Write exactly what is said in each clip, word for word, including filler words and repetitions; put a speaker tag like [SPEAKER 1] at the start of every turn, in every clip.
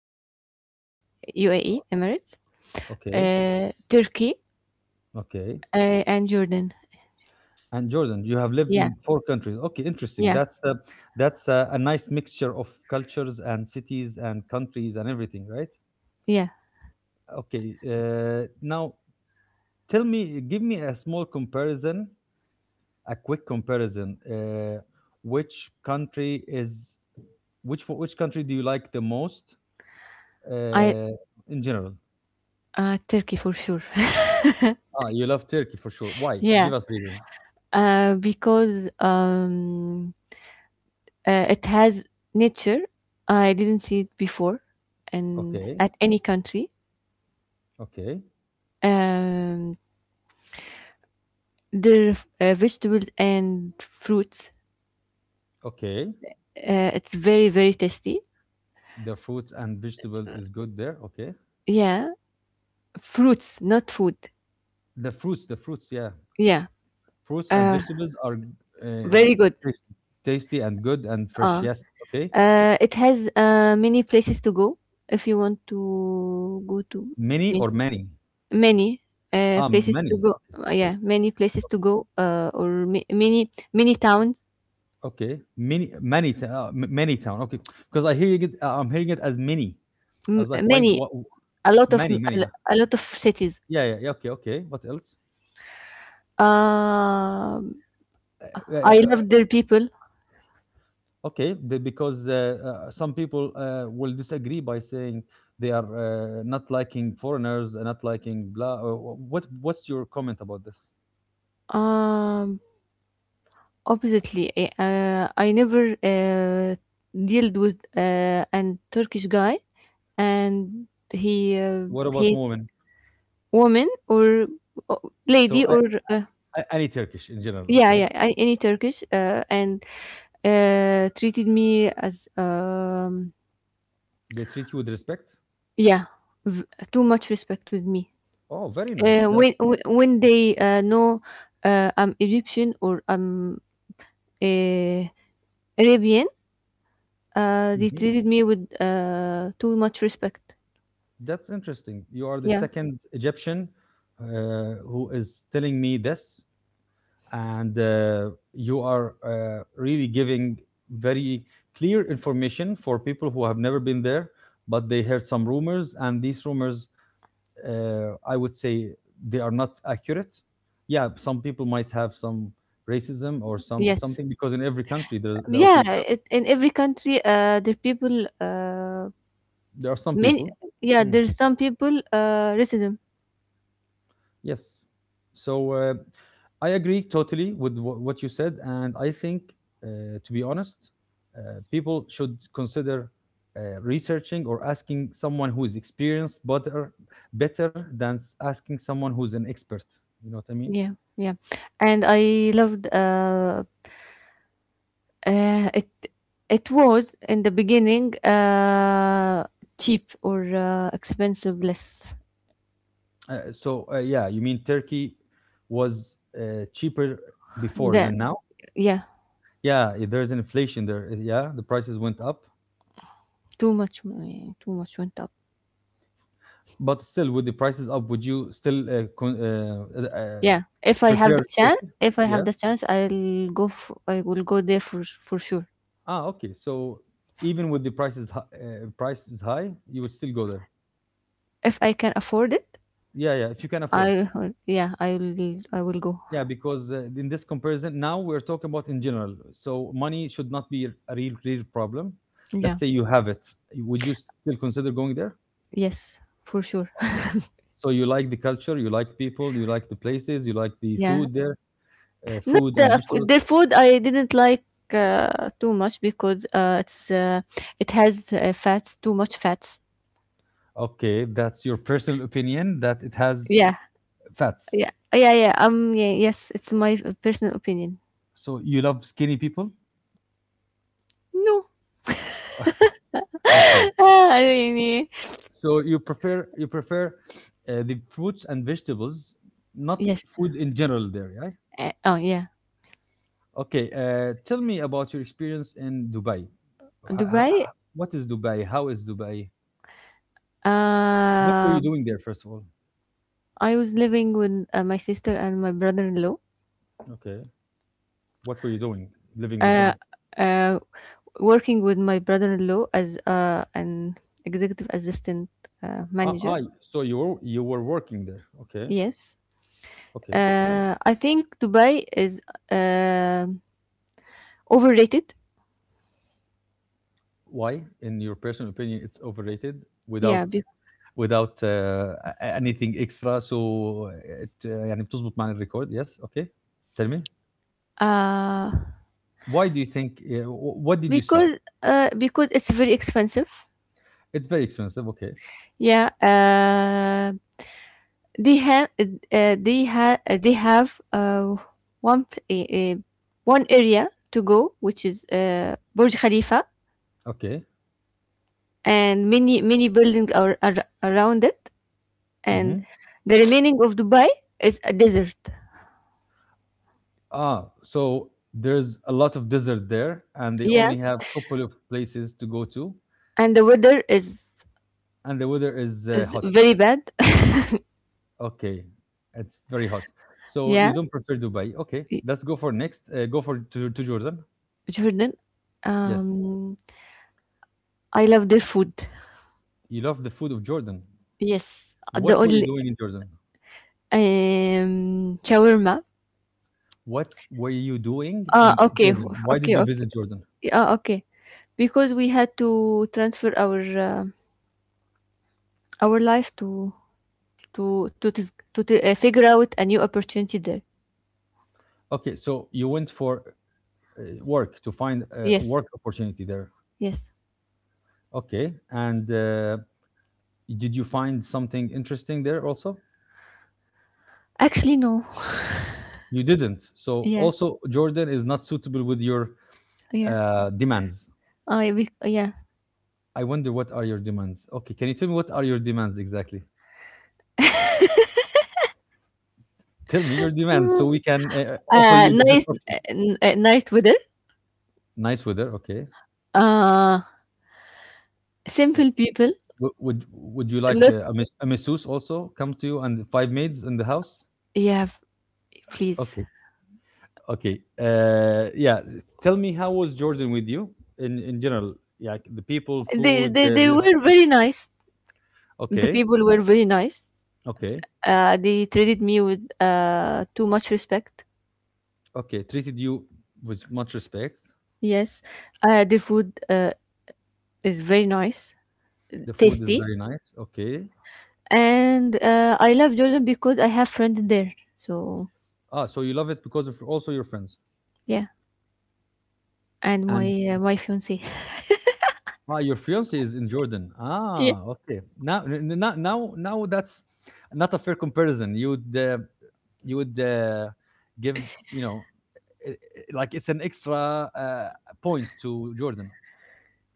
[SPEAKER 1] uh, Dubai, U A E, Emirates,
[SPEAKER 2] okay,
[SPEAKER 1] uh, Turkey,
[SPEAKER 2] okay.
[SPEAKER 1] uh, and Jordan.
[SPEAKER 2] And Jordan, you have lived
[SPEAKER 1] Yeah,
[SPEAKER 2] in four countries. Okay, interesting.
[SPEAKER 1] yeah,
[SPEAKER 2] That's uh, that's uh, a nice mixture of cultures and cities and countries and everything, right?
[SPEAKER 1] yeah.
[SPEAKER 2] Okay. Uh, now tell me give me a small comparison a quick comparison uh, which country is which fo- which country do you like the most
[SPEAKER 1] I
[SPEAKER 2] uh, in general?
[SPEAKER 1] uh, Turkey for sure.
[SPEAKER 2] Ah, you love Turkey for sure. Why? Give
[SPEAKER 1] Yeah,
[SPEAKER 2] us reasons.
[SPEAKER 1] uh, because um, uh, it has nature. I didn't see it before, and
[SPEAKER 2] Okay,
[SPEAKER 1] at any country.
[SPEAKER 2] okay,
[SPEAKER 1] Um, Their uh, vegetables and fruits.
[SPEAKER 2] okay.
[SPEAKER 1] Uh, it's very very tasty.
[SPEAKER 2] The fruits and vegetable is good there, okay.
[SPEAKER 1] Yeah, fruits, not food.
[SPEAKER 2] The fruits the fruits yeah,
[SPEAKER 1] Yeah,
[SPEAKER 2] fruits and
[SPEAKER 1] uh,
[SPEAKER 2] vegetables are uh,
[SPEAKER 1] very good.
[SPEAKER 2] tasty, tasty and good and fresh,
[SPEAKER 1] Uh,
[SPEAKER 2] yes, okay.
[SPEAKER 1] uh, it has uh, many places to go if you want to go to
[SPEAKER 2] Many or
[SPEAKER 1] ma-
[SPEAKER 2] many?
[SPEAKER 1] many uh,
[SPEAKER 2] Ah,
[SPEAKER 1] places
[SPEAKER 2] many.
[SPEAKER 1] to go. Uh, yeah, many places to go. Uh, or ma- many many towns,
[SPEAKER 2] Okay, mini many uh, m- many town. Okay, because I hear it. Uh, I'm hearing it as many. I
[SPEAKER 1] m-
[SPEAKER 2] was like, why?
[SPEAKER 1] many
[SPEAKER 2] What?
[SPEAKER 1] a lot of
[SPEAKER 2] Many, many. Yeah,
[SPEAKER 1] a lot of cities.
[SPEAKER 2] yeah, yeah. yeah, Okay, okay. What else?
[SPEAKER 1] Um,
[SPEAKER 2] Uh, uh,
[SPEAKER 1] I
[SPEAKER 2] uh,
[SPEAKER 1] love their people.
[SPEAKER 2] okay, the, because uh, uh, some people uh, will disagree by saying they are uh, not liking foreigners, uh, not liking blah. uh, wh- What? What's your comment about this?
[SPEAKER 1] Um, Obviously, eh, uh, I never uh, dealt with uh, an Turkish guy, and he uh,
[SPEAKER 2] What about
[SPEAKER 1] hate
[SPEAKER 2] women?
[SPEAKER 1] woman or uh, lady
[SPEAKER 2] So I,
[SPEAKER 1] or uh,
[SPEAKER 2] I, any Turkish in general?
[SPEAKER 1] yeah,
[SPEAKER 2] Okay,
[SPEAKER 1] yeah, I, any Turkish, uh, and uh, treated me as um,
[SPEAKER 2] they treat you with respect.
[SPEAKER 1] yeah, v- too much respect with me.
[SPEAKER 2] Oh, very nice.
[SPEAKER 1] Uh,
[SPEAKER 2] That.
[SPEAKER 1] when wh- when they uh, know uh, I'm Egyptian or I'm uh, Arabian. Uh, they
[SPEAKER 2] Mm-hmm.
[SPEAKER 1] treated me with uh, too much respect.
[SPEAKER 2] That's interesting. You are the
[SPEAKER 1] Yeah.
[SPEAKER 2] second Egyptian uh, who is telling me this, and uh, you are uh, really giving very clear information for people who have never been there, but they heard some rumors, and these rumors, uh, I would say, they are not accurate. Yeah, some people might have some racism or some
[SPEAKER 1] Yes.
[SPEAKER 2] something, because in every country there there are
[SPEAKER 1] Yeah.
[SPEAKER 2] people,
[SPEAKER 1] It, in every country, uh, there people. Uh,
[SPEAKER 2] there are some
[SPEAKER 1] many.
[SPEAKER 2] people.
[SPEAKER 1] Yeah.
[SPEAKER 2] Hmm.
[SPEAKER 1] There's some people, uh, racism.
[SPEAKER 2] Yes. So uh, I agree totally with wh- what you said, and I think, uh, to be honest, uh, people should consider uh, researching or asking someone who is experienced, better, better than s- asking someone who's an expert. You know what I mean?
[SPEAKER 1] Yeah. Yeah. And I loved. Uh, uh, it. It was in the beginning uh, cheap or uh, expensive less.
[SPEAKER 2] Uh, so uh, yeah, you mean Turkey was uh, cheaper before than
[SPEAKER 1] Then
[SPEAKER 2] now?
[SPEAKER 1] yeah,
[SPEAKER 2] Yeah, i- there's an inflation there. uh, Yeah, the prices went up,
[SPEAKER 1] too much money. Too much went up.
[SPEAKER 2] but still, with the prices up, would you still uh, con- uh, uh, uh,
[SPEAKER 1] Yeah, if I have the
[SPEAKER 2] prefer
[SPEAKER 1] chance,
[SPEAKER 2] Turkey?
[SPEAKER 1] if I
[SPEAKER 2] Yeah.
[SPEAKER 1] have the chance, I'll go. F I will go there for for sure.
[SPEAKER 2] Ah, okay. So even with the prices hi- uh, price is high, you would still go there.
[SPEAKER 1] If I can afford it,
[SPEAKER 2] Yeah, yeah. If you can afford.
[SPEAKER 1] I will- yeah, I will. I will go.
[SPEAKER 2] Yeah, because uh, in this comparison, now we're talking about in general. So money should not be a real, real problem. Let's
[SPEAKER 1] Yeah,
[SPEAKER 2] say you have it. Would you still consider going there?
[SPEAKER 1] yes, for sure.
[SPEAKER 2] So you like the culture, you like people, you like the places, you like the
[SPEAKER 1] Yeah,
[SPEAKER 2] food there, uh,
[SPEAKER 1] not
[SPEAKER 2] fruit
[SPEAKER 1] the
[SPEAKER 2] and
[SPEAKER 1] f-
[SPEAKER 2] vegetables.
[SPEAKER 1] their food. I didn't like uh, too much because uh, it's uh, it has uh, fats, too much fats.
[SPEAKER 2] Okay, that's your personal opinion that it has
[SPEAKER 1] Yeah,
[SPEAKER 2] fats.
[SPEAKER 1] yeah, yeah, yeah. Um, yeah, yes, it's my personal opinion.
[SPEAKER 2] So you love skinny people.
[SPEAKER 1] No,
[SPEAKER 2] Okay. Okay.
[SPEAKER 1] Ah, I mean,
[SPEAKER 2] So you prefer you prefer uh, the fruits and vegetables, not
[SPEAKER 1] yes.
[SPEAKER 2] food in general there, right?
[SPEAKER 1] Uh, oh yeah,
[SPEAKER 2] Okay, uh, tell me about your experience in Dubai. Ho- ho-
[SPEAKER 1] Dubai.
[SPEAKER 2] ho- What is Dubai? How is Dubai? What were you
[SPEAKER 1] Um.
[SPEAKER 2] doing there, first of all?
[SPEAKER 1] I was living with uh, my sister and my brother-in-law.
[SPEAKER 2] Okay, what were you doing living with
[SPEAKER 1] Uh,
[SPEAKER 2] them?
[SPEAKER 1] uh, working with my brother-in-law as uh, an executive assistant uh,
[SPEAKER 2] Ah,
[SPEAKER 1] manager.
[SPEAKER 2] ah, so you were you were working there. Okay,
[SPEAKER 1] Yes,
[SPEAKER 2] okay.
[SPEAKER 1] uh, I think Dubai is uh, overrated.
[SPEAKER 2] Why, in your personal opinion, it's overrated,
[SPEAKER 1] Yeah,
[SPEAKER 2] without
[SPEAKER 1] be-
[SPEAKER 2] without uh, a- anything extra, so it uh, يعني بتظبط معنا الريكورد. Yes, okay, tell me,
[SPEAKER 1] uh,
[SPEAKER 2] why do you think, uh, wh- what did you see?
[SPEAKER 1] because uh, because it's very expensive.
[SPEAKER 2] It's very expensive, okay.
[SPEAKER 1] Yeah, uh, they have uh, they have they have uh, one pl- uh, uh, one area to go which is uh, Burj Khalifa,
[SPEAKER 2] Okay.
[SPEAKER 1] and many many buildings are, are around it, and
[SPEAKER 2] Hmm.
[SPEAKER 1] the remaining of Dubai is a desert.
[SPEAKER 2] Ah, so there's a lot of desert there, and they
[SPEAKER 1] Yeah,
[SPEAKER 2] only have a couple of places to go to,
[SPEAKER 1] and the weather is
[SPEAKER 2] and the weather is uh,
[SPEAKER 1] is
[SPEAKER 2] hot.
[SPEAKER 1] very bad.
[SPEAKER 2] Okay, it's very hot. So you
[SPEAKER 1] yeah
[SPEAKER 2] don't prefer Dubai, okay.
[SPEAKER 1] Y-
[SPEAKER 2] Let's go for next, uh, go for to, to Jordan.
[SPEAKER 1] Jordan.
[SPEAKER 2] Yes.
[SPEAKER 1] Um, I love their food.
[SPEAKER 2] You love the food of Jordan.
[SPEAKER 1] Yes, the
[SPEAKER 2] What were you
[SPEAKER 1] only
[SPEAKER 2] doing in Jordan?
[SPEAKER 1] um, shawarma.
[SPEAKER 2] What were you doing
[SPEAKER 1] Ah,
[SPEAKER 2] in
[SPEAKER 1] okay,
[SPEAKER 2] Jordan? Why
[SPEAKER 1] okay,
[SPEAKER 2] did you
[SPEAKER 1] okay,
[SPEAKER 2] visit Jordan?
[SPEAKER 1] yeah, okay, because we had to transfer our uh, our life to to to tis- to, t- uh, figure out a new opportunity there.
[SPEAKER 2] Okay, so you went for uh, work, to find a
[SPEAKER 1] Yes,
[SPEAKER 2] work opportunity there.
[SPEAKER 1] yes,
[SPEAKER 2] Okay, and uh, did you find something interesting there also?
[SPEAKER 1] actually no.
[SPEAKER 2] You didn't. So
[SPEAKER 1] yeah
[SPEAKER 2] also Jordan is not suitable with your
[SPEAKER 1] yeah
[SPEAKER 2] uh, demands.
[SPEAKER 1] i we, yeah.
[SPEAKER 2] I wonder what are your demands. Okay, can you tell me what are your demands exactly? Tell me your demands so we can uh, offer
[SPEAKER 1] uh
[SPEAKER 2] you the
[SPEAKER 1] nice
[SPEAKER 2] best option.
[SPEAKER 1] uh, n- uh, nice weather,
[SPEAKER 2] Nice weather. Okay.
[SPEAKER 1] uh simple people.
[SPEAKER 2] Would would would you like
[SPEAKER 1] Not,
[SPEAKER 2] uh, a, mas- a masseuse also come to you and five maids in the house?
[SPEAKER 1] yeah f- please.
[SPEAKER 2] Okay, okay. Uh, yeah. Tell me, how was Jordan with you in in general? Like the people,
[SPEAKER 1] They,
[SPEAKER 2] food.
[SPEAKER 1] they
[SPEAKER 2] Uh,
[SPEAKER 1] they
[SPEAKER 2] the-
[SPEAKER 1] were very nice. The
[SPEAKER 2] okay,
[SPEAKER 1] people were very nice.
[SPEAKER 2] okay,
[SPEAKER 1] uh they treated me with uh too much respect.
[SPEAKER 2] okay. Treated you with much respect.
[SPEAKER 1] Yes. uh the food, uh it's very nice,
[SPEAKER 2] The food is
[SPEAKER 1] tasty,
[SPEAKER 2] very nice. Okay.
[SPEAKER 1] and uh, I love Jordan because I have friends there. So
[SPEAKER 2] Ah, so you love it because of also your friends.
[SPEAKER 1] yeah, and my
[SPEAKER 2] And
[SPEAKER 1] uh, my fiance.
[SPEAKER 2] ah, your fiance is in Jordan.
[SPEAKER 1] Yeah,
[SPEAKER 2] Ah, okay. Now, n- n- now, now, now that's not a fair comparison. You would, uh, you would uh, give, you know, i i- like it's an extra uh, point to Jordan.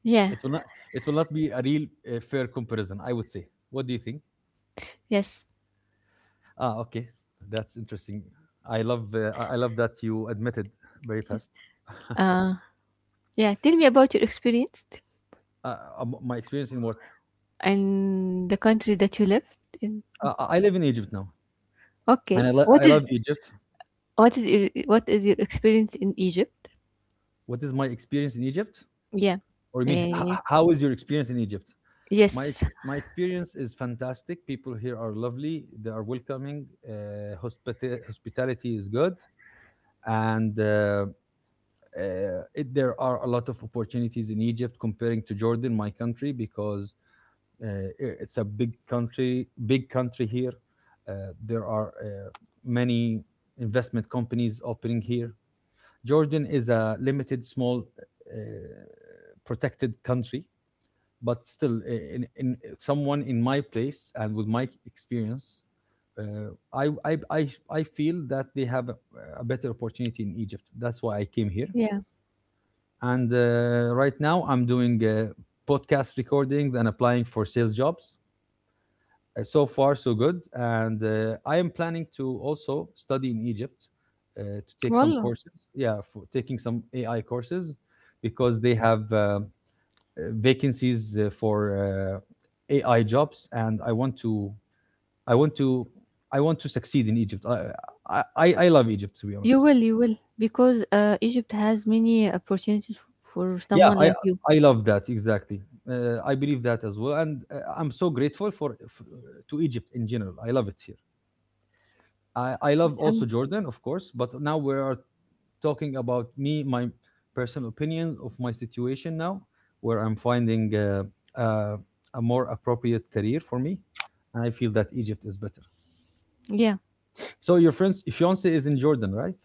[SPEAKER 1] yeah,
[SPEAKER 2] It will not, it will not be a real uh, fair comparison, I would say. What do you think?
[SPEAKER 1] yes.
[SPEAKER 2] Ah, okay, that's interesting. I love, uh, I I love that you admitted very fast.
[SPEAKER 1] Uh, yeah. Tell me about your experience
[SPEAKER 2] Uh, uh, my experience in what?
[SPEAKER 1] and the country that you lived in.
[SPEAKER 2] Uh, I I live in Egypt now, and I,
[SPEAKER 1] Okay,
[SPEAKER 2] lo-
[SPEAKER 1] what
[SPEAKER 2] I
[SPEAKER 1] is
[SPEAKER 2] love Egypt.
[SPEAKER 1] what is your, what is your experience in Egypt?
[SPEAKER 2] What is my experience in Egypt?
[SPEAKER 1] Yeah.
[SPEAKER 2] Or you mean, h- h-
[SPEAKER 1] Eh,
[SPEAKER 2] how is your experience in Egypt? My
[SPEAKER 1] yes.
[SPEAKER 2] ex- my experience is fantastic. People here are lovely. They are welcoming. Uh, hospita- hospitality is good, and uh, uh, it, there are a lot of opportunities in Egypt comparing to Jordan, my country, because uh, i- it's a big country. Big country here. Uh, there are uh, many investment companies opening here. Jordan is a limited, small, uh, protected country, but still i- in, in someone in my place and with my experience, uh, I, I I I feel that they have a, a better opportunity in Egypt. That's why I came here,
[SPEAKER 1] Yeah.
[SPEAKER 2] and uh, right now I'm doing uh, podcast recordings and applying for sales jobs. Uh, so far so good, and uh, I am planning to also study in Egypt, uh, to take some
[SPEAKER 1] Wallah.
[SPEAKER 2] courses, yeah, for taking some AI courses, because they have uh, uh, vacancies uh, for uh, A I jobs, and I want to, I want to, I want to succeed in Egypt. I, I, I love Egypt, to be honest.
[SPEAKER 1] You will, you will, because uh, Egypt has many opportunities for
[SPEAKER 2] Yeah,
[SPEAKER 1] someone
[SPEAKER 2] I,
[SPEAKER 1] like you.
[SPEAKER 2] I love that exactly. Uh, I believe that as well, and uh, I'm so grateful for, f to Egypt in general. I love it here. I, I love
[SPEAKER 1] Alhamd-
[SPEAKER 2] also Jordan, of course, but now we are talking about me, my personal opinion of my situation now, where I'm finding uh, uh, a more appropriate career for me, and I feel that Egypt is better.
[SPEAKER 1] Yeah.
[SPEAKER 2] So your friend's fiance is in Jordan, right?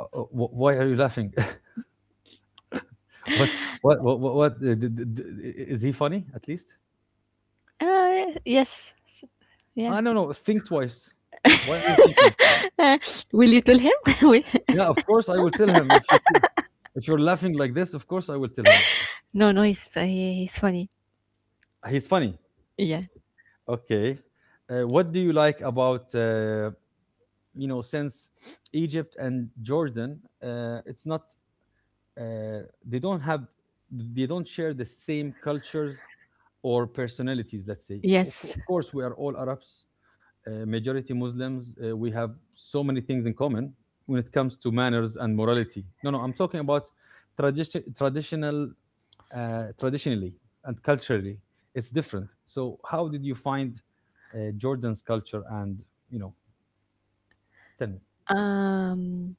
[SPEAKER 2] Uh, uh, wh- Why are you laughing? What? What? What? What? what uh, d- d- d- is he funny? At least?
[SPEAKER 1] Uh, yes. S- Yeah.
[SPEAKER 2] I don't know. Think twice. Why are you thinking?
[SPEAKER 1] Uh, will you tell him? Will-
[SPEAKER 2] Yeah, of course I will tell him. If you if you're laughing like this, of course I will tell him.
[SPEAKER 1] no, no, he's, uh, he, he's funny.
[SPEAKER 2] He's funny.
[SPEAKER 1] Yeah.
[SPEAKER 2] Okay. Uh, what do you like about, uh, you know, since Egypt and Jordan? Uh, it's not uh, they don't have they don't share the same cultures or personalities, let's say. Of, co-
[SPEAKER 1] Yes.
[SPEAKER 2] of course, we are all Arabs, uh, majority Muslims. Uh, we have so many things in common when it comes to manners and morality. No, no, I'm talking about tradition, traditional, uh, traditionally and culturally. It's different. So, how did you find uh, Jordan's culture? And, you know, tell me.
[SPEAKER 1] Um,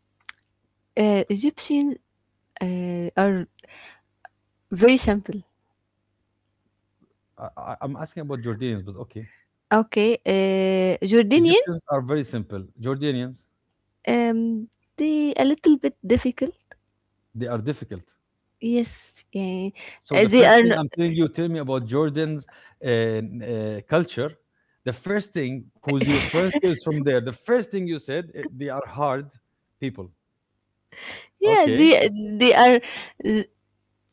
[SPEAKER 1] uh, Egyptian uh, are very simple.
[SPEAKER 2] I, I, I'm asking about Jordanians, but okay.
[SPEAKER 1] Okay. Uh, Jordanian,
[SPEAKER 2] Egyptians are very simple. Jordanians,
[SPEAKER 1] um, they a little bit difficult.
[SPEAKER 2] they are difficult.
[SPEAKER 1] Yes. Yeah.
[SPEAKER 2] So
[SPEAKER 1] Uh,
[SPEAKER 2] the
[SPEAKER 1] They
[SPEAKER 2] first
[SPEAKER 1] are.
[SPEAKER 2] thing
[SPEAKER 1] No-
[SPEAKER 2] I'm telling you, tell me about Jordan's uh, uh, culture. The first thing, who's your first is from there. The first thing you said, eh, they are hard people.
[SPEAKER 1] Yeah.
[SPEAKER 2] Okay,
[SPEAKER 1] They they are.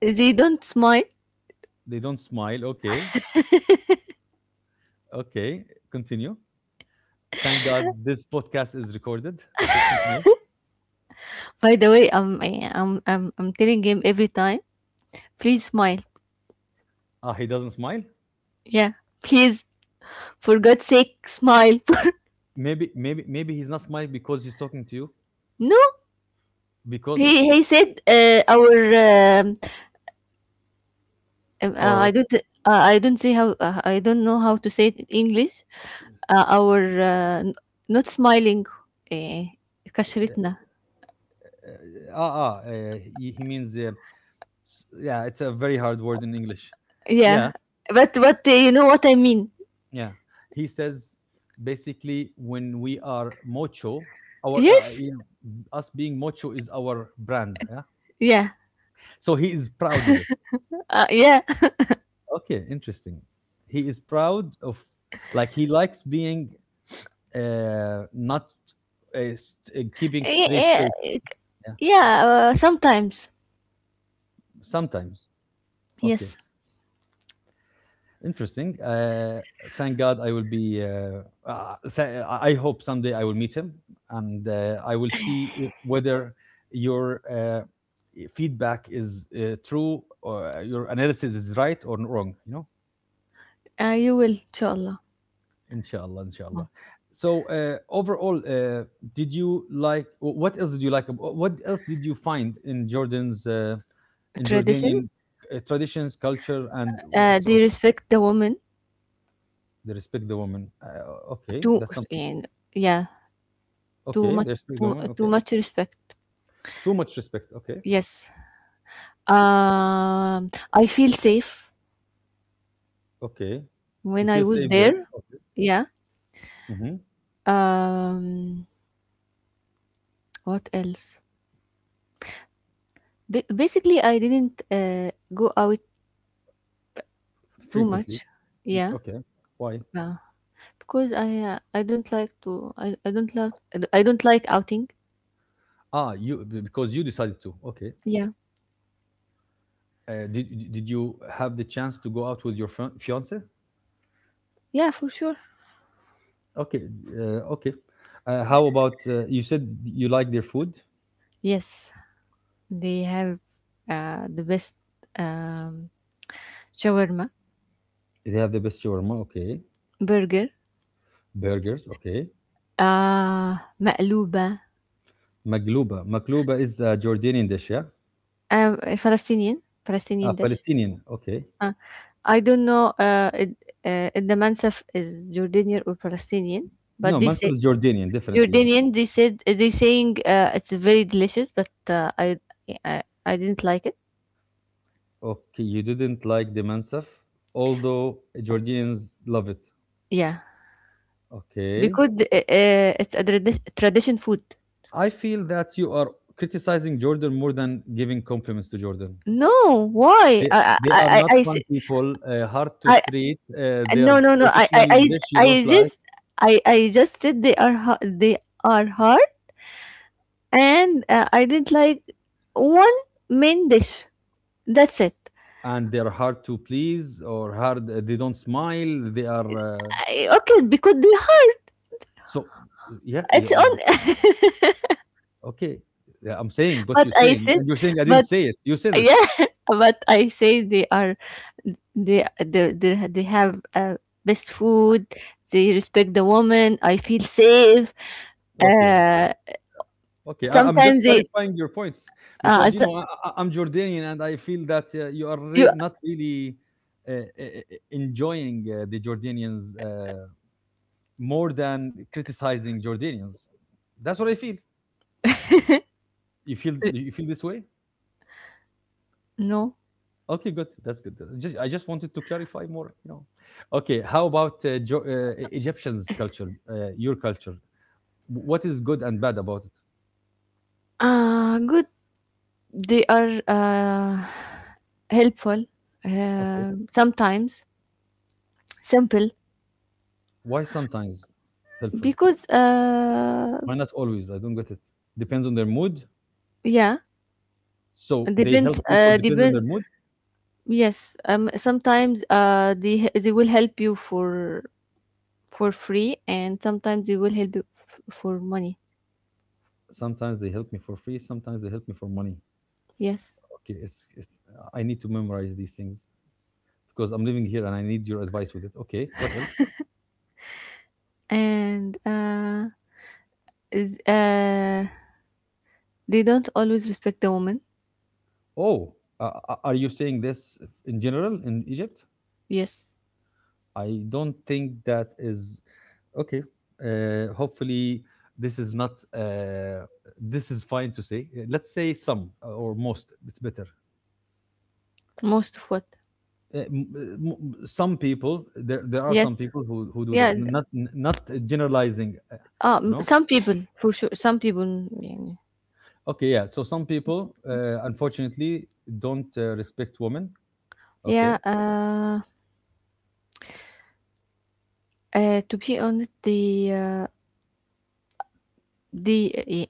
[SPEAKER 1] They don't smile.
[SPEAKER 2] they don't smile. Okay, okay, continue. Thank God this podcast is recorded. Okay, continue.
[SPEAKER 1] By the way, um, I, I'm I'm I'm telling him every time. Please smile.
[SPEAKER 2] Ah, he doesn't smile.
[SPEAKER 1] Yeah. Please. For God's sake, smile.
[SPEAKER 2] Maybe, maybe, maybe he's not smiling because he's talking to you.
[SPEAKER 1] No,
[SPEAKER 2] Because
[SPEAKER 1] he he said uh, our um, um,
[SPEAKER 2] or
[SPEAKER 1] uh,
[SPEAKER 2] what?
[SPEAKER 1] I don't uh, I don't say how, uh, I don't know how to say it in English. Uh, our uh, n- not smiling. Uh, كشرتنا.
[SPEAKER 2] Uh, ah, ah. Uh, he, he means uh, s- yeah. It's a very hard word in English. Yeah,
[SPEAKER 1] Yeah, but but uh, you know what I mean.
[SPEAKER 2] yeah, he says basically when we are mocho, our, uh,
[SPEAKER 1] Yes.
[SPEAKER 2] you know, us being mocho is our brand. Yeah,
[SPEAKER 1] Yeah.
[SPEAKER 2] so he is proud of it.
[SPEAKER 1] Uh, yeah.
[SPEAKER 2] Okay, interesting. He is proud of, like he likes being uh, not uh, st- uh, keeping straight
[SPEAKER 1] Yeah.
[SPEAKER 2] face. Yeah,
[SPEAKER 1] Yeah. Uh, sometimes.
[SPEAKER 2] sometimes. Okay,
[SPEAKER 1] Yes.
[SPEAKER 2] interesting. Uh, thank God I will be. Uh, uh, th- I hope someday I will meet him, and uh, I will see if- whether your uh, feedback is uh, true, or uh, your analysis is right or wrong, you know?
[SPEAKER 1] Uh, you will, inshallah.
[SPEAKER 2] Inshallah, inshallah. So, uh, overall, uh, did you like wh- what else did you like? ab- What else did you find in Jordan's, uh, in Jordanian
[SPEAKER 1] Traditions.
[SPEAKER 2] uh, traditions, culture, and
[SPEAKER 1] Uh,
[SPEAKER 2] what so
[SPEAKER 1] they respect the woman
[SPEAKER 2] they respect the woman? Uh, okay,
[SPEAKER 1] too.
[SPEAKER 2] that's something.
[SPEAKER 1] And yeah, too
[SPEAKER 2] Okay,
[SPEAKER 1] much,
[SPEAKER 2] they respect the
[SPEAKER 1] too,
[SPEAKER 2] woman,
[SPEAKER 1] too
[SPEAKER 2] okay.
[SPEAKER 1] much respect.
[SPEAKER 2] Too much respect, okay,
[SPEAKER 1] Yes. Um, I feel safe
[SPEAKER 2] okay. You
[SPEAKER 1] when I
[SPEAKER 2] feel
[SPEAKER 1] was
[SPEAKER 2] safe there,
[SPEAKER 1] there.
[SPEAKER 2] okay.
[SPEAKER 1] Yeah.
[SPEAKER 2] Hmm.
[SPEAKER 1] Um, what else? Ba- basically, I didn't uh, go out too
[SPEAKER 2] Frequently.
[SPEAKER 1] much.
[SPEAKER 2] Mm,
[SPEAKER 1] Yeah.
[SPEAKER 2] okay. Why?
[SPEAKER 1] Uh, because I, uh, I don't like to I, I don't love, I don't like outing.
[SPEAKER 2] Ah, you b- because you decided to. Okay.
[SPEAKER 1] Yeah.
[SPEAKER 2] Uh, did did you have the chance to go out with your fri fiance?
[SPEAKER 1] Yeah, for sure.
[SPEAKER 2] Okay, uh, okay. Uh, how about uh, you said you like their food?
[SPEAKER 1] Yes, they have uh, the best um, shawarma
[SPEAKER 2] They have the best shawarma, okay.
[SPEAKER 1] burger.
[SPEAKER 2] Burgers, okay.
[SPEAKER 1] آه، مقلوبة
[SPEAKER 2] Magluba. Magluba is a Jordanian dish, yeah?
[SPEAKER 1] آآ فلسطينيين،
[SPEAKER 2] Ah,
[SPEAKER 1] فلسطينيين dish
[SPEAKER 2] Palestinian, okay.
[SPEAKER 1] آه. I don't know, uh, it uh, if the mansaf is Jordanian or Palestinian,
[SPEAKER 2] No,
[SPEAKER 1] but they
[SPEAKER 2] mansab
[SPEAKER 1] say
[SPEAKER 2] is Jordanian, definitely, yeah.
[SPEAKER 1] Jordanian, they said they saying, uh, "It's very delicious," but, uh, I I I didn't like it.
[SPEAKER 2] Okay, you didn't like the Mansaf, although Jordanians love it.
[SPEAKER 1] Yeah,
[SPEAKER 2] Okay.
[SPEAKER 1] because, uh, uh, it's a tradi tradition food.
[SPEAKER 2] I feel that you are criticizing Jordan more than giving compliments to Jordan.
[SPEAKER 1] No, why?
[SPEAKER 2] They,
[SPEAKER 1] I
[SPEAKER 2] they are
[SPEAKER 1] I I
[SPEAKER 2] not
[SPEAKER 1] I s
[SPEAKER 2] fun people, uh, hard to
[SPEAKER 1] I
[SPEAKER 2] treat. Uh,
[SPEAKER 1] no,
[SPEAKER 2] their
[SPEAKER 1] no, no, I I
[SPEAKER 2] traditional
[SPEAKER 1] I
[SPEAKER 2] dish you
[SPEAKER 1] I
[SPEAKER 2] don't like,
[SPEAKER 1] just I I just said they are ha they are hard. And uh, I did like one main dish. That's it.
[SPEAKER 2] and they're hard to please or hard. Uh, They don't smile. They are uh,
[SPEAKER 1] I, okay, because they're hard.
[SPEAKER 2] so. Yeah, yeah.
[SPEAKER 1] It's on.
[SPEAKER 2] Okay, yeah, I'm saying what
[SPEAKER 1] but
[SPEAKER 2] you're
[SPEAKER 1] I
[SPEAKER 2] saying,
[SPEAKER 1] said,
[SPEAKER 2] and you're saying I didn't
[SPEAKER 1] but
[SPEAKER 2] say it. You said it.
[SPEAKER 1] yeah, but I say they are, they they they, ha- they have uh, best food. They respect the woman. I feel safe.
[SPEAKER 2] Okay,
[SPEAKER 1] Uh,
[SPEAKER 2] Okay, I, I'm just
[SPEAKER 1] sometimes they
[SPEAKER 2] clarifying your points
[SPEAKER 1] uh
[SPEAKER 2] because you
[SPEAKER 1] s-
[SPEAKER 2] know I, I- I'm Jordanian and I feel that uh, you are
[SPEAKER 1] you
[SPEAKER 2] re- not really uh, uh, uh, enjoying uh, the Jordanians uh, more than criticizing Jordanians. That's what I feel. You feel you feel this way?
[SPEAKER 1] no
[SPEAKER 2] Okay, good. That's good. Just I just wanted to clarify more. You know, okay. How about uh, jo- uh, E- Egyptians' culture? Uh, your culture? What is good and bad about it?
[SPEAKER 1] uh good. They are uh helpful.
[SPEAKER 2] Okay,
[SPEAKER 1] Uh, sometimes simple.
[SPEAKER 2] why sometimes helpful?
[SPEAKER 1] Because uh
[SPEAKER 2] Why not always? I don't get it. Depends on their mood.
[SPEAKER 1] yeah,
[SPEAKER 2] So they
[SPEAKER 1] depends
[SPEAKER 2] help people
[SPEAKER 1] uh
[SPEAKER 2] depends on their
[SPEAKER 1] depend,
[SPEAKER 2] mood.
[SPEAKER 1] yes, um, sometimes uh they they will help you for for free, and sometimes they will help you f- for money.
[SPEAKER 2] Sometimes they help me for free. Sometimes they help me for money.
[SPEAKER 1] Yes.
[SPEAKER 2] Okay, it's it's. I need to memorize these things because I'm living here and I need your advice with it. Okay, what else?
[SPEAKER 1] And uh is uh they don't always respect the woman.
[SPEAKER 2] Oh, uh, uh, are you saying this in general in Egypt?
[SPEAKER 1] Yes.
[SPEAKER 2] I don't think that is okay. Uh, hopefully, this is not. Uh, this is fine to say. Uh, Let's say some uh, or most. It's better.
[SPEAKER 1] Most of what?
[SPEAKER 2] Uh, m- uh, m- some people there there are some
[SPEAKER 1] Yes.
[SPEAKER 2] people who who do
[SPEAKER 1] Yeah.
[SPEAKER 2] that
[SPEAKER 1] d-
[SPEAKER 2] not not generalizing, uh, you
[SPEAKER 1] Um,
[SPEAKER 2] know
[SPEAKER 1] some people for sure. Some people. Yeah.
[SPEAKER 2] okay, yeah, so some people uh, unfortunately don't uh, respect women,
[SPEAKER 1] yeah
[SPEAKER 2] okay,
[SPEAKER 1] uh, uh, to be honest, the uh, the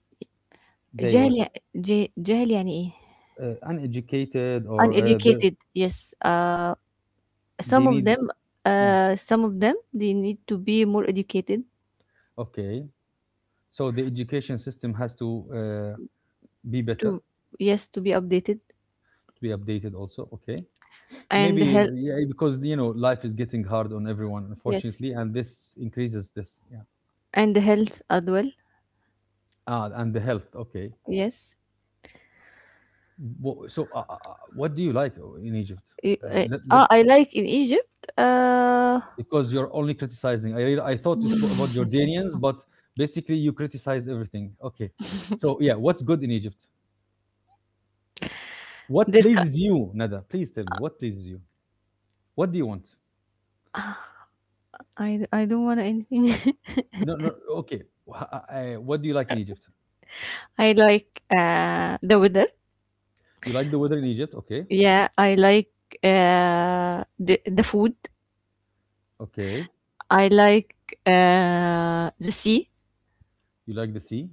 [SPEAKER 2] they what?
[SPEAKER 1] جهل يع ج جهل يعني إيه؟
[SPEAKER 2] Uh, uneducated or uh, they
[SPEAKER 1] Uneducated, yes, uh, some
[SPEAKER 2] they
[SPEAKER 1] of
[SPEAKER 2] need.
[SPEAKER 1] them
[SPEAKER 2] Mm.
[SPEAKER 1] uh, some of them they need to be more educated.
[SPEAKER 2] Okay, so the education system has to uh, be better,
[SPEAKER 1] To, yes, to be updated.
[SPEAKER 2] to be updated also, okay.
[SPEAKER 1] And
[SPEAKER 2] Maybe uh,
[SPEAKER 1] health.
[SPEAKER 2] yeah, because you know life is getting hard on everyone,
[SPEAKER 1] Yes,
[SPEAKER 2] unfortunately, and this increases this, yeah.
[SPEAKER 1] and the health as well.
[SPEAKER 2] Ah, and the health, okay.
[SPEAKER 1] Yes.
[SPEAKER 2] Wha So, uh, uh, uh, what do you like o- in Egypt?
[SPEAKER 1] Y-
[SPEAKER 2] Let-
[SPEAKER 1] uh,
[SPEAKER 2] let- let-
[SPEAKER 1] ah, I like in Egypt, uh,
[SPEAKER 2] because you're only criticizing. I really, I thought you spoke about Jordanians, but basically you criticized everything. Okay. So yeah, what's good in Egypt? What
[SPEAKER 1] their cu-
[SPEAKER 2] pleases you, Nada? Please tell me what pleases you. What do you want?
[SPEAKER 1] I, I don't want anything.
[SPEAKER 2] No, no. Okay. Wha- uh, uh, what do you like in Egypt?
[SPEAKER 1] I like uh, the weather.
[SPEAKER 2] You like the weather in Egypt? Okay.
[SPEAKER 1] Yeah, I like uh, the the food.
[SPEAKER 2] Okay.
[SPEAKER 1] I like uh, the sea.
[SPEAKER 2] You like the sea?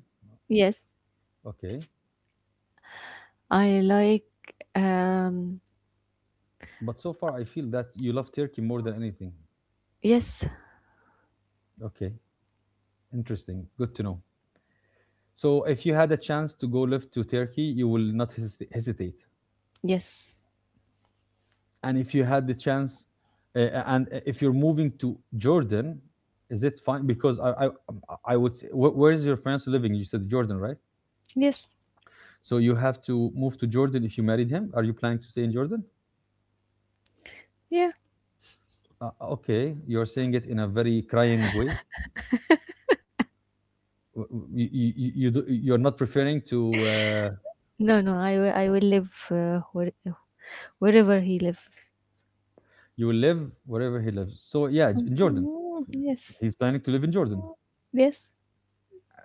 [SPEAKER 1] Yes,
[SPEAKER 2] Okay.
[SPEAKER 1] I like um,
[SPEAKER 2] But so far, I feel that you love Turkey more than anything.
[SPEAKER 1] yes,
[SPEAKER 2] Okay. Interesting. Good to know. So if you had a chance to go live to Turkey, you will not hesit- hesitate.
[SPEAKER 1] yes.
[SPEAKER 2] And if you had the chance, uh, and eh, if you're moving to Jordan, is it fine? Because I, I, um, I would say, wh- where is your fiance living? You said Jordan, right?
[SPEAKER 1] Yes.
[SPEAKER 2] So you have to move to Jordan if you married him. Are you planning to stay in Jordan?
[SPEAKER 1] Yeah.
[SPEAKER 2] Uh, okay, you're saying it in a very crying way. You, you, you, do- you're not preferring to, uh,
[SPEAKER 1] No, no, I will I will live uh, where, wherever he live.
[SPEAKER 2] You will live wherever he lives. So yeah, in Jordan.
[SPEAKER 1] Mm, yes.
[SPEAKER 2] He's planning to live in Jordan.
[SPEAKER 1] Yes.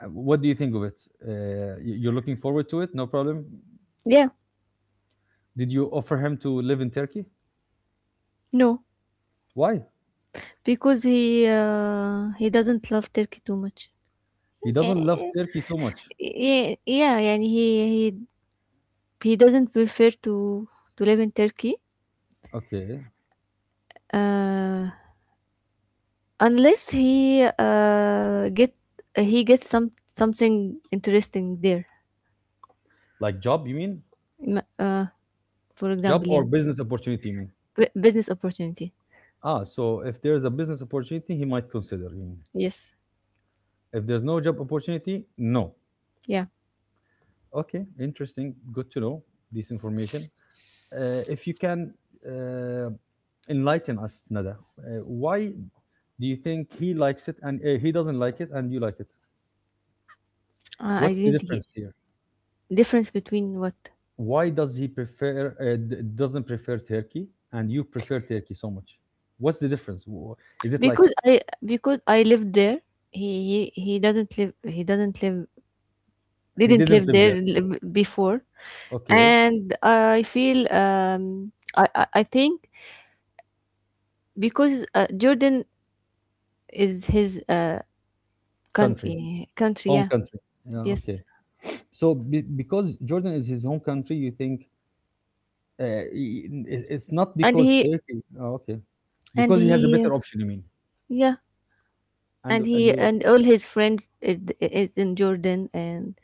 [SPEAKER 2] Uh, What do you think of it? Uh, y- you're looking forward to it? No problem.
[SPEAKER 1] Yeah.
[SPEAKER 2] Did you offer him to live in Turkey?
[SPEAKER 1] No,
[SPEAKER 2] Why?
[SPEAKER 1] because he uh, he doesn't love Turkey too much.
[SPEAKER 2] He
[SPEAKER 1] Eh,
[SPEAKER 2] doesn't love Turkey too much.
[SPEAKER 1] yeah, yeah, yeah, he he he doesn't prefer to to live in Turkey.
[SPEAKER 2] Okay.
[SPEAKER 1] uh, Unless he uh, get he gets some something interesting there.
[SPEAKER 2] Like job, you mean?
[SPEAKER 1] Ima- uh, for
[SPEAKER 2] Job
[SPEAKER 1] example, yeah.
[SPEAKER 2] or business opportunity, you mean?
[SPEAKER 1] B- business opportunity.
[SPEAKER 2] Ah, so if there's a business opportunity, he might consider, you mean?
[SPEAKER 1] Yes,
[SPEAKER 2] If there's no job opportunity, no.
[SPEAKER 1] yeah.
[SPEAKER 2] Okay, interesting. Good to know this information. Uh, if you can uh, enlighten us, Nada, uh, why do you think he likes it and uh, he doesn't like it and you like it?
[SPEAKER 1] Uh, I
[SPEAKER 2] What's the
[SPEAKER 1] didn't get
[SPEAKER 2] difference here?
[SPEAKER 1] difference between what
[SPEAKER 2] Why does he prefer uh, d- doesn't prefer Turkey and you prefer Turkey so much? What's the difference? Wh- Is it like
[SPEAKER 1] because I because I lived there. He he he doesn't live. He doesn't live.
[SPEAKER 2] he
[SPEAKER 1] Didn't
[SPEAKER 2] didn't
[SPEAKER 1] live
[SPEAKER 2] live
[SPEAKER 1] there
[SPEAKER 2] there?
[SPEAKER 1] li- before,
[SPEAKER 2] Okay,
[SPEAKER 1] and I feel, um, I I, I think because uh, Jordan is his uh
[SPEAKER 2] country,
[SPEAKER 1] country country
[SPEAKER 2] home
[SPEAKER 1] yeah,
[SPEAKER 2] country. Yeah, okay.
[SPEAKER 1] yes.
[SPEAKER 2] So be- because Jordan is his home country, you think uh, i- i- it's not
[SPEAKER 1] and
[SPEAKER 2] because
[SPEAKER 1] he
[SPEAKER 2] Turkey. Oh, okay,
[SPEAKER 1] and
[SPEAKER 2] because he has a
[SPEAKER 1] he
[SPEAKER 2] better option. You mean?
[SPEAKER 1] Yeah,
[SPEAKER 2] And
[SPEAKER 1] and
[SPEAKER 2] and
[SPEAKER 1] he
[SPEAKER 2] he was.
[SPEAKER 1] and all his friends is, is in Jordan, and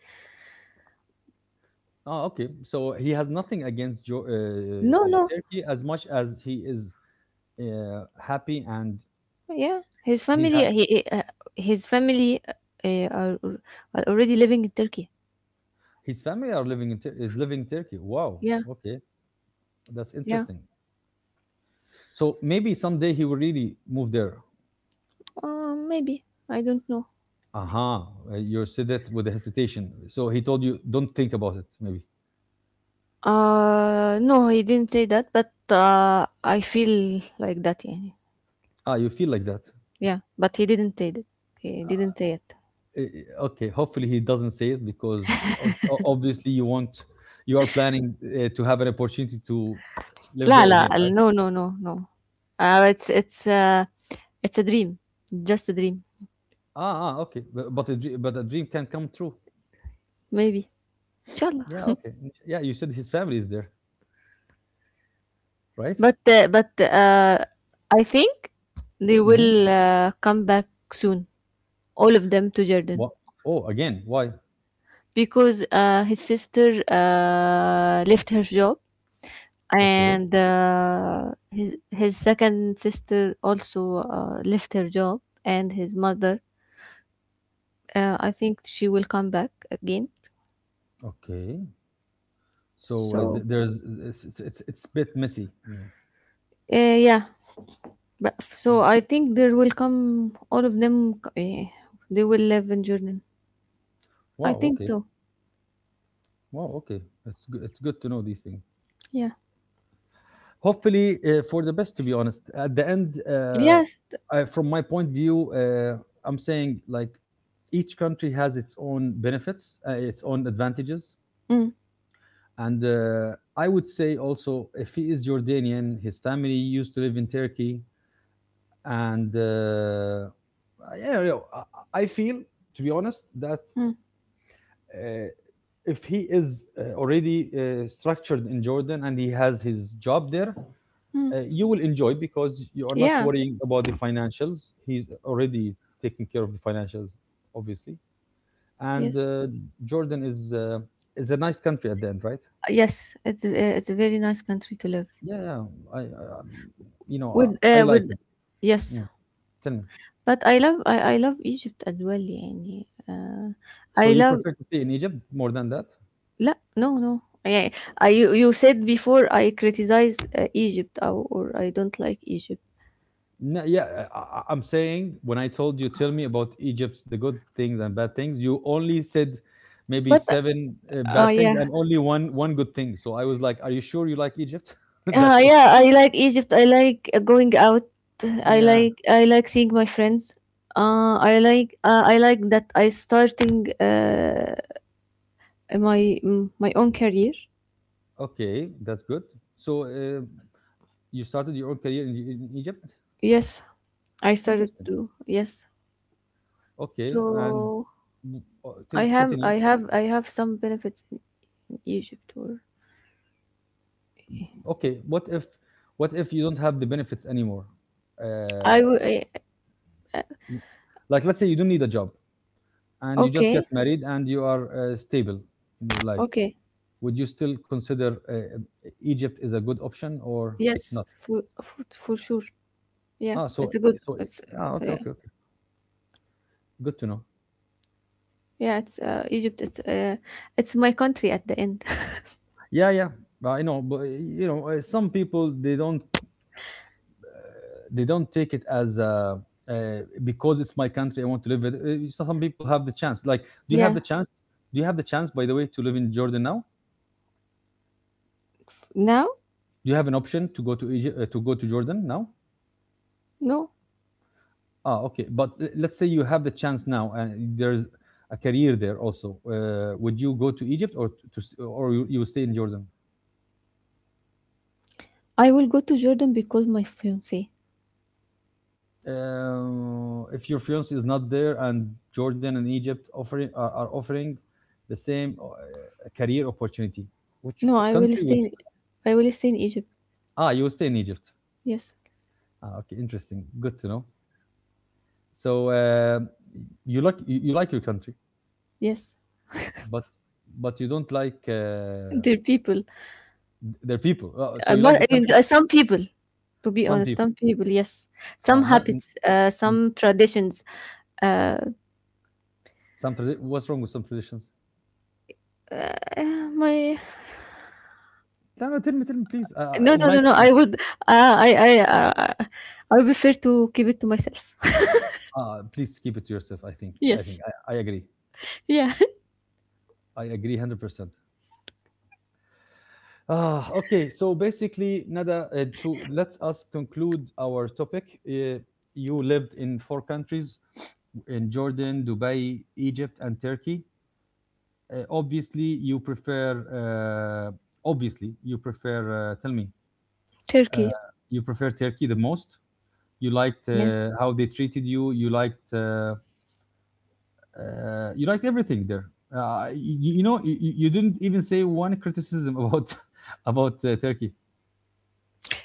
[SPEAKER 2] Oh, okay. So he has nothing against jo- uh,
[SPEAKER 1] no
[SPEAKER 2] uh,
[SPEAKER 1] no,
[SPEAKER 2] Turkey as much as he is uh, happy and
[SPEAKER 1] yeah, his
[SPEAKER 2] he's
[SPEAKER 1] family
[SPEAKER 2] ha-
[SPEAKER 1] he he, uh, his family uh, are, are already living in Turkey.
[SPEAKER 2] his family are living in Tur- is living in Turkey. Wow.
[SPEAKER 1] Yeah,
[SPEAKER 2] Okay, that's
[SPEAKER 1] yeah,
[SPEAKER 2] interesting. So maybe someday he will really move there.
[SPEAKER 1] uh, maybe I don't know.
[SPEAKER 2] Aha, uh you said it with a hesitation. So he told you, don't think about it. Maybe.
[SPEAKER 1] Uh no, he didn't say that, but uh, I feel like that, يعني.
[SPEAKER 2] Ah, you feel like that.
[SPEAKER 1] Yeah, but he didn't say that, he didn't say it.
[SPEAKER 2] Eh, eh, Okay. Hopefully he doesn't say it because eh, ob- o- obviously you want, you are planning uh, to have an opportunity to live
[SPEAKER 1] لا
[SPEAKER 2] there again,
[SPEAKER 1] لا
[SPEAKER 2] right?
[SPEAKER 1] ال- No no no no, uh, it's it's uh, it's a dream, just a dream,
[SPEAKER 2] Ah, ah okay. But, but a dr- but a dream can come true.
[SPEAKER 1] maybe. إن شاء الله.
[SPEAKER 2] Yeah. Okay. Yeah. You said his family is there, right?
[SPEAKER 1] But uh, but uh, I think they
[SPEAKER 2] Mm-hmm.
[SPEAKER 1] will uh, come back soon, all of them to Jordan,
[SPEAKER 2] What? Oh, again. Why?
[SPEAKER 1] because uh, his sister uh, left her job,
[SPEAKER 2] Okay.
[SPEAKER 1] and uh, his his second sister also uh, left her job, and his mother. Uh, I think she will come back again.
[SPEAKER 2] Okay. So uh, th-
[SPEAKER 1] So
[SPEAKER 2] there's it's, it's it's it's a bit messy. I mean,
[SPEAKER 1] uh, yeah, but so I
[SPEAKER 2] mm.
[SPEAKER 1] think there will come all of them. Uh, they will live in Jordan. I
[SPEAKER 2] Wow.
[SPEAKER 1] think
[SPEAKER 2] Okay.
[SPEAKER 1] so.
[SPEAKER 2] Wow. Okay. It's good. It's good to know these things.
[SPEAKER 1] Yeah.
[SPEAKER 2] Hopefully, uh, for the best. To be honest, at the end, uh,
[SPEAKER 1] Yes. th-
[SPEAKER 2] I, from my point of view, uh, I'm saying like each country has its own benefits, uh, its own advantages,
[SPEAKER 1] Mm,
[SPEAKER 2] and uh, I would say also if he is Jordanian, his family used to live in Turkey, and uh, yeah, you know, I I feel to be honest that.
[SPEAKER 1] mm,
[SPEAKER 2] Uh, if he is uh, already uh, structured in Jordan and he has his job there,
[SPEAKER 1] mm.
[SPEAKER 2] uh, You will enjoy because you are not
[SPEAKER 1] Yeah.
[SPEAKER 2] worrying about the financials. He's already taking care of the financials, obviously. And
[SPEAKER 1] Yes.
[SPEAKER 2] uh, Jordan is uh, is a nice country at the end, right?
[SPEAKER 1] Uh, yes. It's a, uh, it's a very nice country to live.
[SPEAKER 2] Yeah, yeah. I, I um, you know,
[SPEAKER 1] With
[SPEAKER 2] I, I
[SPEAKER 1] uh,
[SPEAKER 2] like
[SPEAKER 1] with
[SPEAKER 2] it.
[SPEAKER 1] yes.
[SPEAKER 2] Mm. Tell me.
[SPEAKER 1] But I love I, I love Egypt as well, يعني. Uh, I
[SPEAKER 2] So you
[SPEAKER 1] love
[SPEAKER 2] prefer to stay in Egypt more than that?
[SPEAKER 1] لا no no. Yeah. I you, you said before I criticize uh, Egypt, or, or I don't like Egypt.
[SPEAKER 2] No, yeah, I, I- I'm saying when I told you, tell me about Egypt's the good things and bad things. You only said maybe
[SPEAKER 1] But uh,
[SPEAKER 2] seven uh,
[SPEAKER 1] oh,
[SPEAKER 2] bad things
[SPEAKER 1] yeah.
[SPEAKER 2] and only one one good thing. So I was like, "Are you sure you like Egypt?" That's
[SPEAKER 1] Uh,
[SPEAKER 2] all.
[SPEAKER 1] yeah, I like Egypt. I like uh, going out. I
[SPEAKER 2] Yeah.
[SPEAKER 1] like I like seeing my friends. Uh, I like uh, I like that I starting uh, my mm, my own career.
[SPEAKER 2] Okay, that's good. So uh, you started your own career in, in Egypt.
[SPEAKER 1] Yes, I started
[SPEAKER 2] Interesting.
[SPEAKER 1] to. Yes,
[SPEAKER 2] Okay, and
[SPEAKER 1] so
[SPEAKER 2] w- uh, till
[SPEAKER 1] I have
[SPEAKER 2] continue.
[SPEAKER 1] I have I have some benefits in in Egypt. Or
[SPEAKER 2] Okay, what if what if you don't have the benefits anymore? Uh,
[SPEAKER 1] I w- I-
[SPEAKER 2] like let's say you don't need a job and you just get
[SPEAKER 1] okay,
[SPEAKER 2] married and you are uh, stable in your life,
[SPEAKER 1] okay,
[SPEAKER 2] would you still consider uh, uh, Egypt is a good option or
[SPEAKER 1] yes
[SPEAKER 2] not?
[SPEAKER 1] for for, for sure. Yeah,
[SPEAKER 2] Ah,
[SPEAKER 1] it's
[SPEAKER 2] so
[SPEAKER 1] a good.
[SPEAKER 2] so
[SPEAKER 1] It's
[SPEAKER 2] ah, okay,
[SPEAKER 1] yeah.
[SPEAKER 2] okay, okay. Good to know.
[SPEAKER 1] Yeah, it's uh, Egypt. It's uh, it's my country at the end.
[SPEAKER 2] Yeah, yeah. But I know, but uh, you know, uh, some people they don't they don't take it as uh, uh, because it's my country, I want to live it. Uh, Some people have the chance. Like, do you have the
[SPEAKER 1] Yeah.
[SPEAKER 2] chance? Do you have the chance, by the way, to live in Jordan now?
[SPEAKER 1] Now?
[SPEAKER 2] Do you have an option to go to Egypt, uh, to go to Jordan now?
[SPEAKER 1] No.
[SPEAKER 2] Ah, okay. But l- let's say you have the chance now, and there's a career there also. Uh, would you go to Egypt or to s- or you, you will stay in Jordan?
[SPEAKER 1] I will go to Jordan because my fiance.
[SPEAKER 2] Uh, if your fiance is not there and Jordan and Egypt offering are, are offering the same uh, career opportunity, which
[SPEAKER 1] No, I will
[SPEAKER 2] country
[SPEAKER 1] stay.
[SPEAKER 2] would
[SPEAKER 1] In,
[SPEAKER 2] you?
[SPEAKER 1] I will stay in Egypt.
[SPEAKER 2] Ah, you will stay in Egypt.
[SPEAKER 1] Yes,
[SPEAKER 2] Ah, okay, interesting. Good to know. So uh, you like you, you like your country,
[SPEAKER 1] yes.
[SPEAKER 2] but but you don't like uh,
[SPEAKER 1] There people.
[SPEAKER 2] th- their people. Uh, so
[SPEAKER 1] Uh,
[SPEAKER 2] you like
[SPEAKER 1] not,
[SPEAKER 2] the
[SPEAKER 1] I mean,
[SPEAKER 2] country, but
[SPEAKER 1] uh, some people. To be
[SPEAKER 2] some
[SPEAKER 1] honest,
[SPEAKER 2] people.
[SPEAKER 1] some people. Yes,
[SPEAKER 2] Uh,
[SPEAKER 1] some
[SPEAKER 2] not n-
[SPEAKER 1] habits. Uh,
[SPEAKER 2] n-
[SPEAKER 1] some traditions. Uh,
[SPEAKER 2] some tradi- what's wrong with some traditions?
[SPEAKER 1] uh, my
[SPEAKER 2] No, no, tell me, tell me, please. Uh,
[SPEAKER 1] no,
[SPEAKER 2] in
[SPEAKER 1] no, no,
[SPEAKER 2] night,
[SPEAKER 1] no. I would. Uh, I, I, uh, I would prefer to keep it to myself.
[SPEAKER 2] uh, please keep it to yourself. I think, I think,
[SPEAKER 1] Yes.
[SPEAKER 2] I, I agree.
[SPEAKER 1] Yeah.
[SPEAKER 2] I agree, hundred percent. Ah, okay. So basically, Nada, uh, to, let us conclude our topic. Uh, you lived in four countries: in Jordan, Dubai, Egypt, and Turkey. Uh, obviously, you prefer. Uh, obviously, you prefer. Uh, tell me, uh,
[SPEAKER 1] Turkey.
[SPEAKER 2] you prefer Turkey the most. You liked
[SPEAKER 1] Yeah.
[SPEAKER 2] uh, how they treated you you liked uh, uh, you liked everything there uh, you, you know you, you didn't even say one criticism about about uh, Turkey.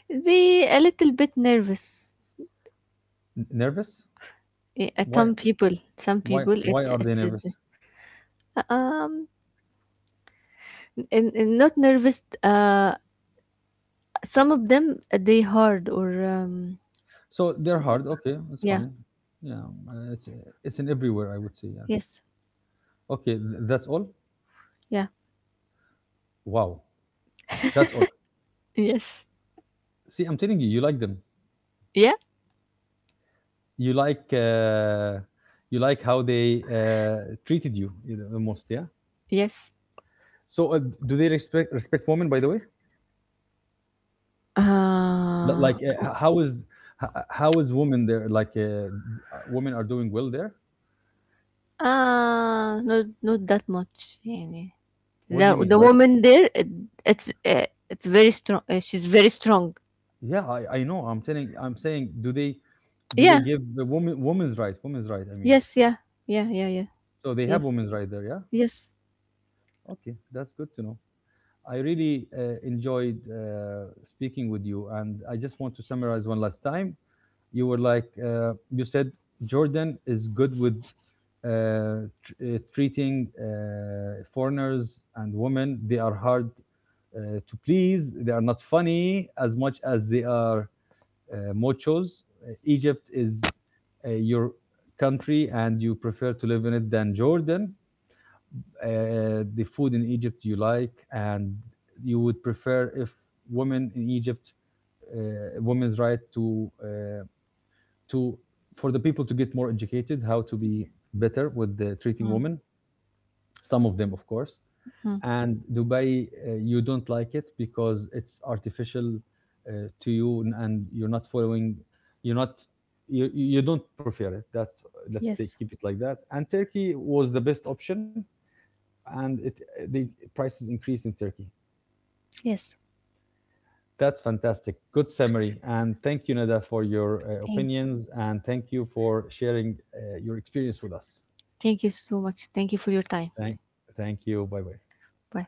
[SPEAKER 1] They a little bit nervous.
[SPEAKER 2] N- nervous.
[SPEAKER 1] Eh, uh,
[SPEAKER 2] why
[SPEAKER 1] some people, some
[SPEAKER 2] why
[SPEAKER 1] people,
[SPEAKER 2] why
[SPEAKER 1] it's
[SPEAKER 2] are they
[SPEAKER 1] it's a
[SPEAKER 2] nervous?
[SPEAKER 1] d- um, and, and not nervous. Uh, some of them uh, they hard or um,
[SPEAKER 2] So they're hard, okay, that's
[SPEAKER 1] yeah,
[SPEAKER 2] fine. Yeah, uh, it's uh, it's in everywhere I would say, yeah.
[SPEAKER 1] yes,
[SPEAKER 2] Okay, th- that's all.
[SPEAKER 1] yeah,
[SPEAKER 2] Wow. That's all.
[SPEAKER 1] yes,
[SPEAKER 2] See, I'm telling you you like them.
[SPEAKER 1] yeah,
[SPEAKER 2] you like uh, you like how they uh, treated you, you know, the most, yeah.
[SPEAKER 1] yes.
[SPEAKER 2] So, uh, do they respect respect women? By the way, Th-
[SPEAKER 1] Uh,
[SPEAKER 2] like, uh, h- how is h- how is women there? Like, uh, uh, women are doing well there.
[SPEAKER 1] uh not not that much, يعني.
[SPEAKER 2] What do
[SPEAKER 1] The
[SPEAKER 2] you mean?
[SPEAKER 1] the
[SPEAKER 2] Like,
[SPEAKER 1] woman there, it, it's uh, it's very strong. Uh, she's very strong.
[SPEAKER 2] yeah, I, I know. I'm telling. I'm saying, do they do they
[SPEAKER 1] Yeah.
[SPEAKER 2] give the woman women's right? Women's right. I mean,
[SPEAKER 1] Yes. Yeah. Yeah. Yeah. Yeah.
[SPEAKER 2] so they have
[SPEAKER 1] Yes.
[SPEAKER 2] women's right there. Yeah.
[SPEAKER 1] Yes.
[SPEAKER 2] Okay, that's good to know. I really uh, enjoyed uh, speaking with you, and I just want to summarize one last time. You were like uh, you said, Jordan is good with uh, tr- uh, treating uh, foreigners and women. They are hard uh, to please. They are not funny as much as they are uh, mochos. Uh, Egypt is uh, your country and you prefer to live in it than Jordan. Uh, the food in Egypt you like, and you would prefer if women in Egypt, uh, women's right to uh, to for the people to get more educated, how to be better with the treating women some of them, of course. And Dubai, uh, you don't like it because it's artificial uh, to you, and, and you're not following, you're not, you you don't prefer it. That's let's say
[SPEAKER 1] Yes.
[SPEAKER 2] keep it like that. And Turkey was the best option, and it the prices increased in Turkey.
[SPEAKER 1] Yes.
[SPEAKER 2] That's fantastic. Good summary, and thank you, Nada, for your uh,
[SPEAKER 1] Thank,
[SPEAKER 2] opinions, and thank you for sharing uh, your experience with us.
[SPEAKER 1] thank you so much. Thank you for your time.
[SPEAKER 2] Thank, thank you. Bye bye.
[SPEAKER 1] Bye.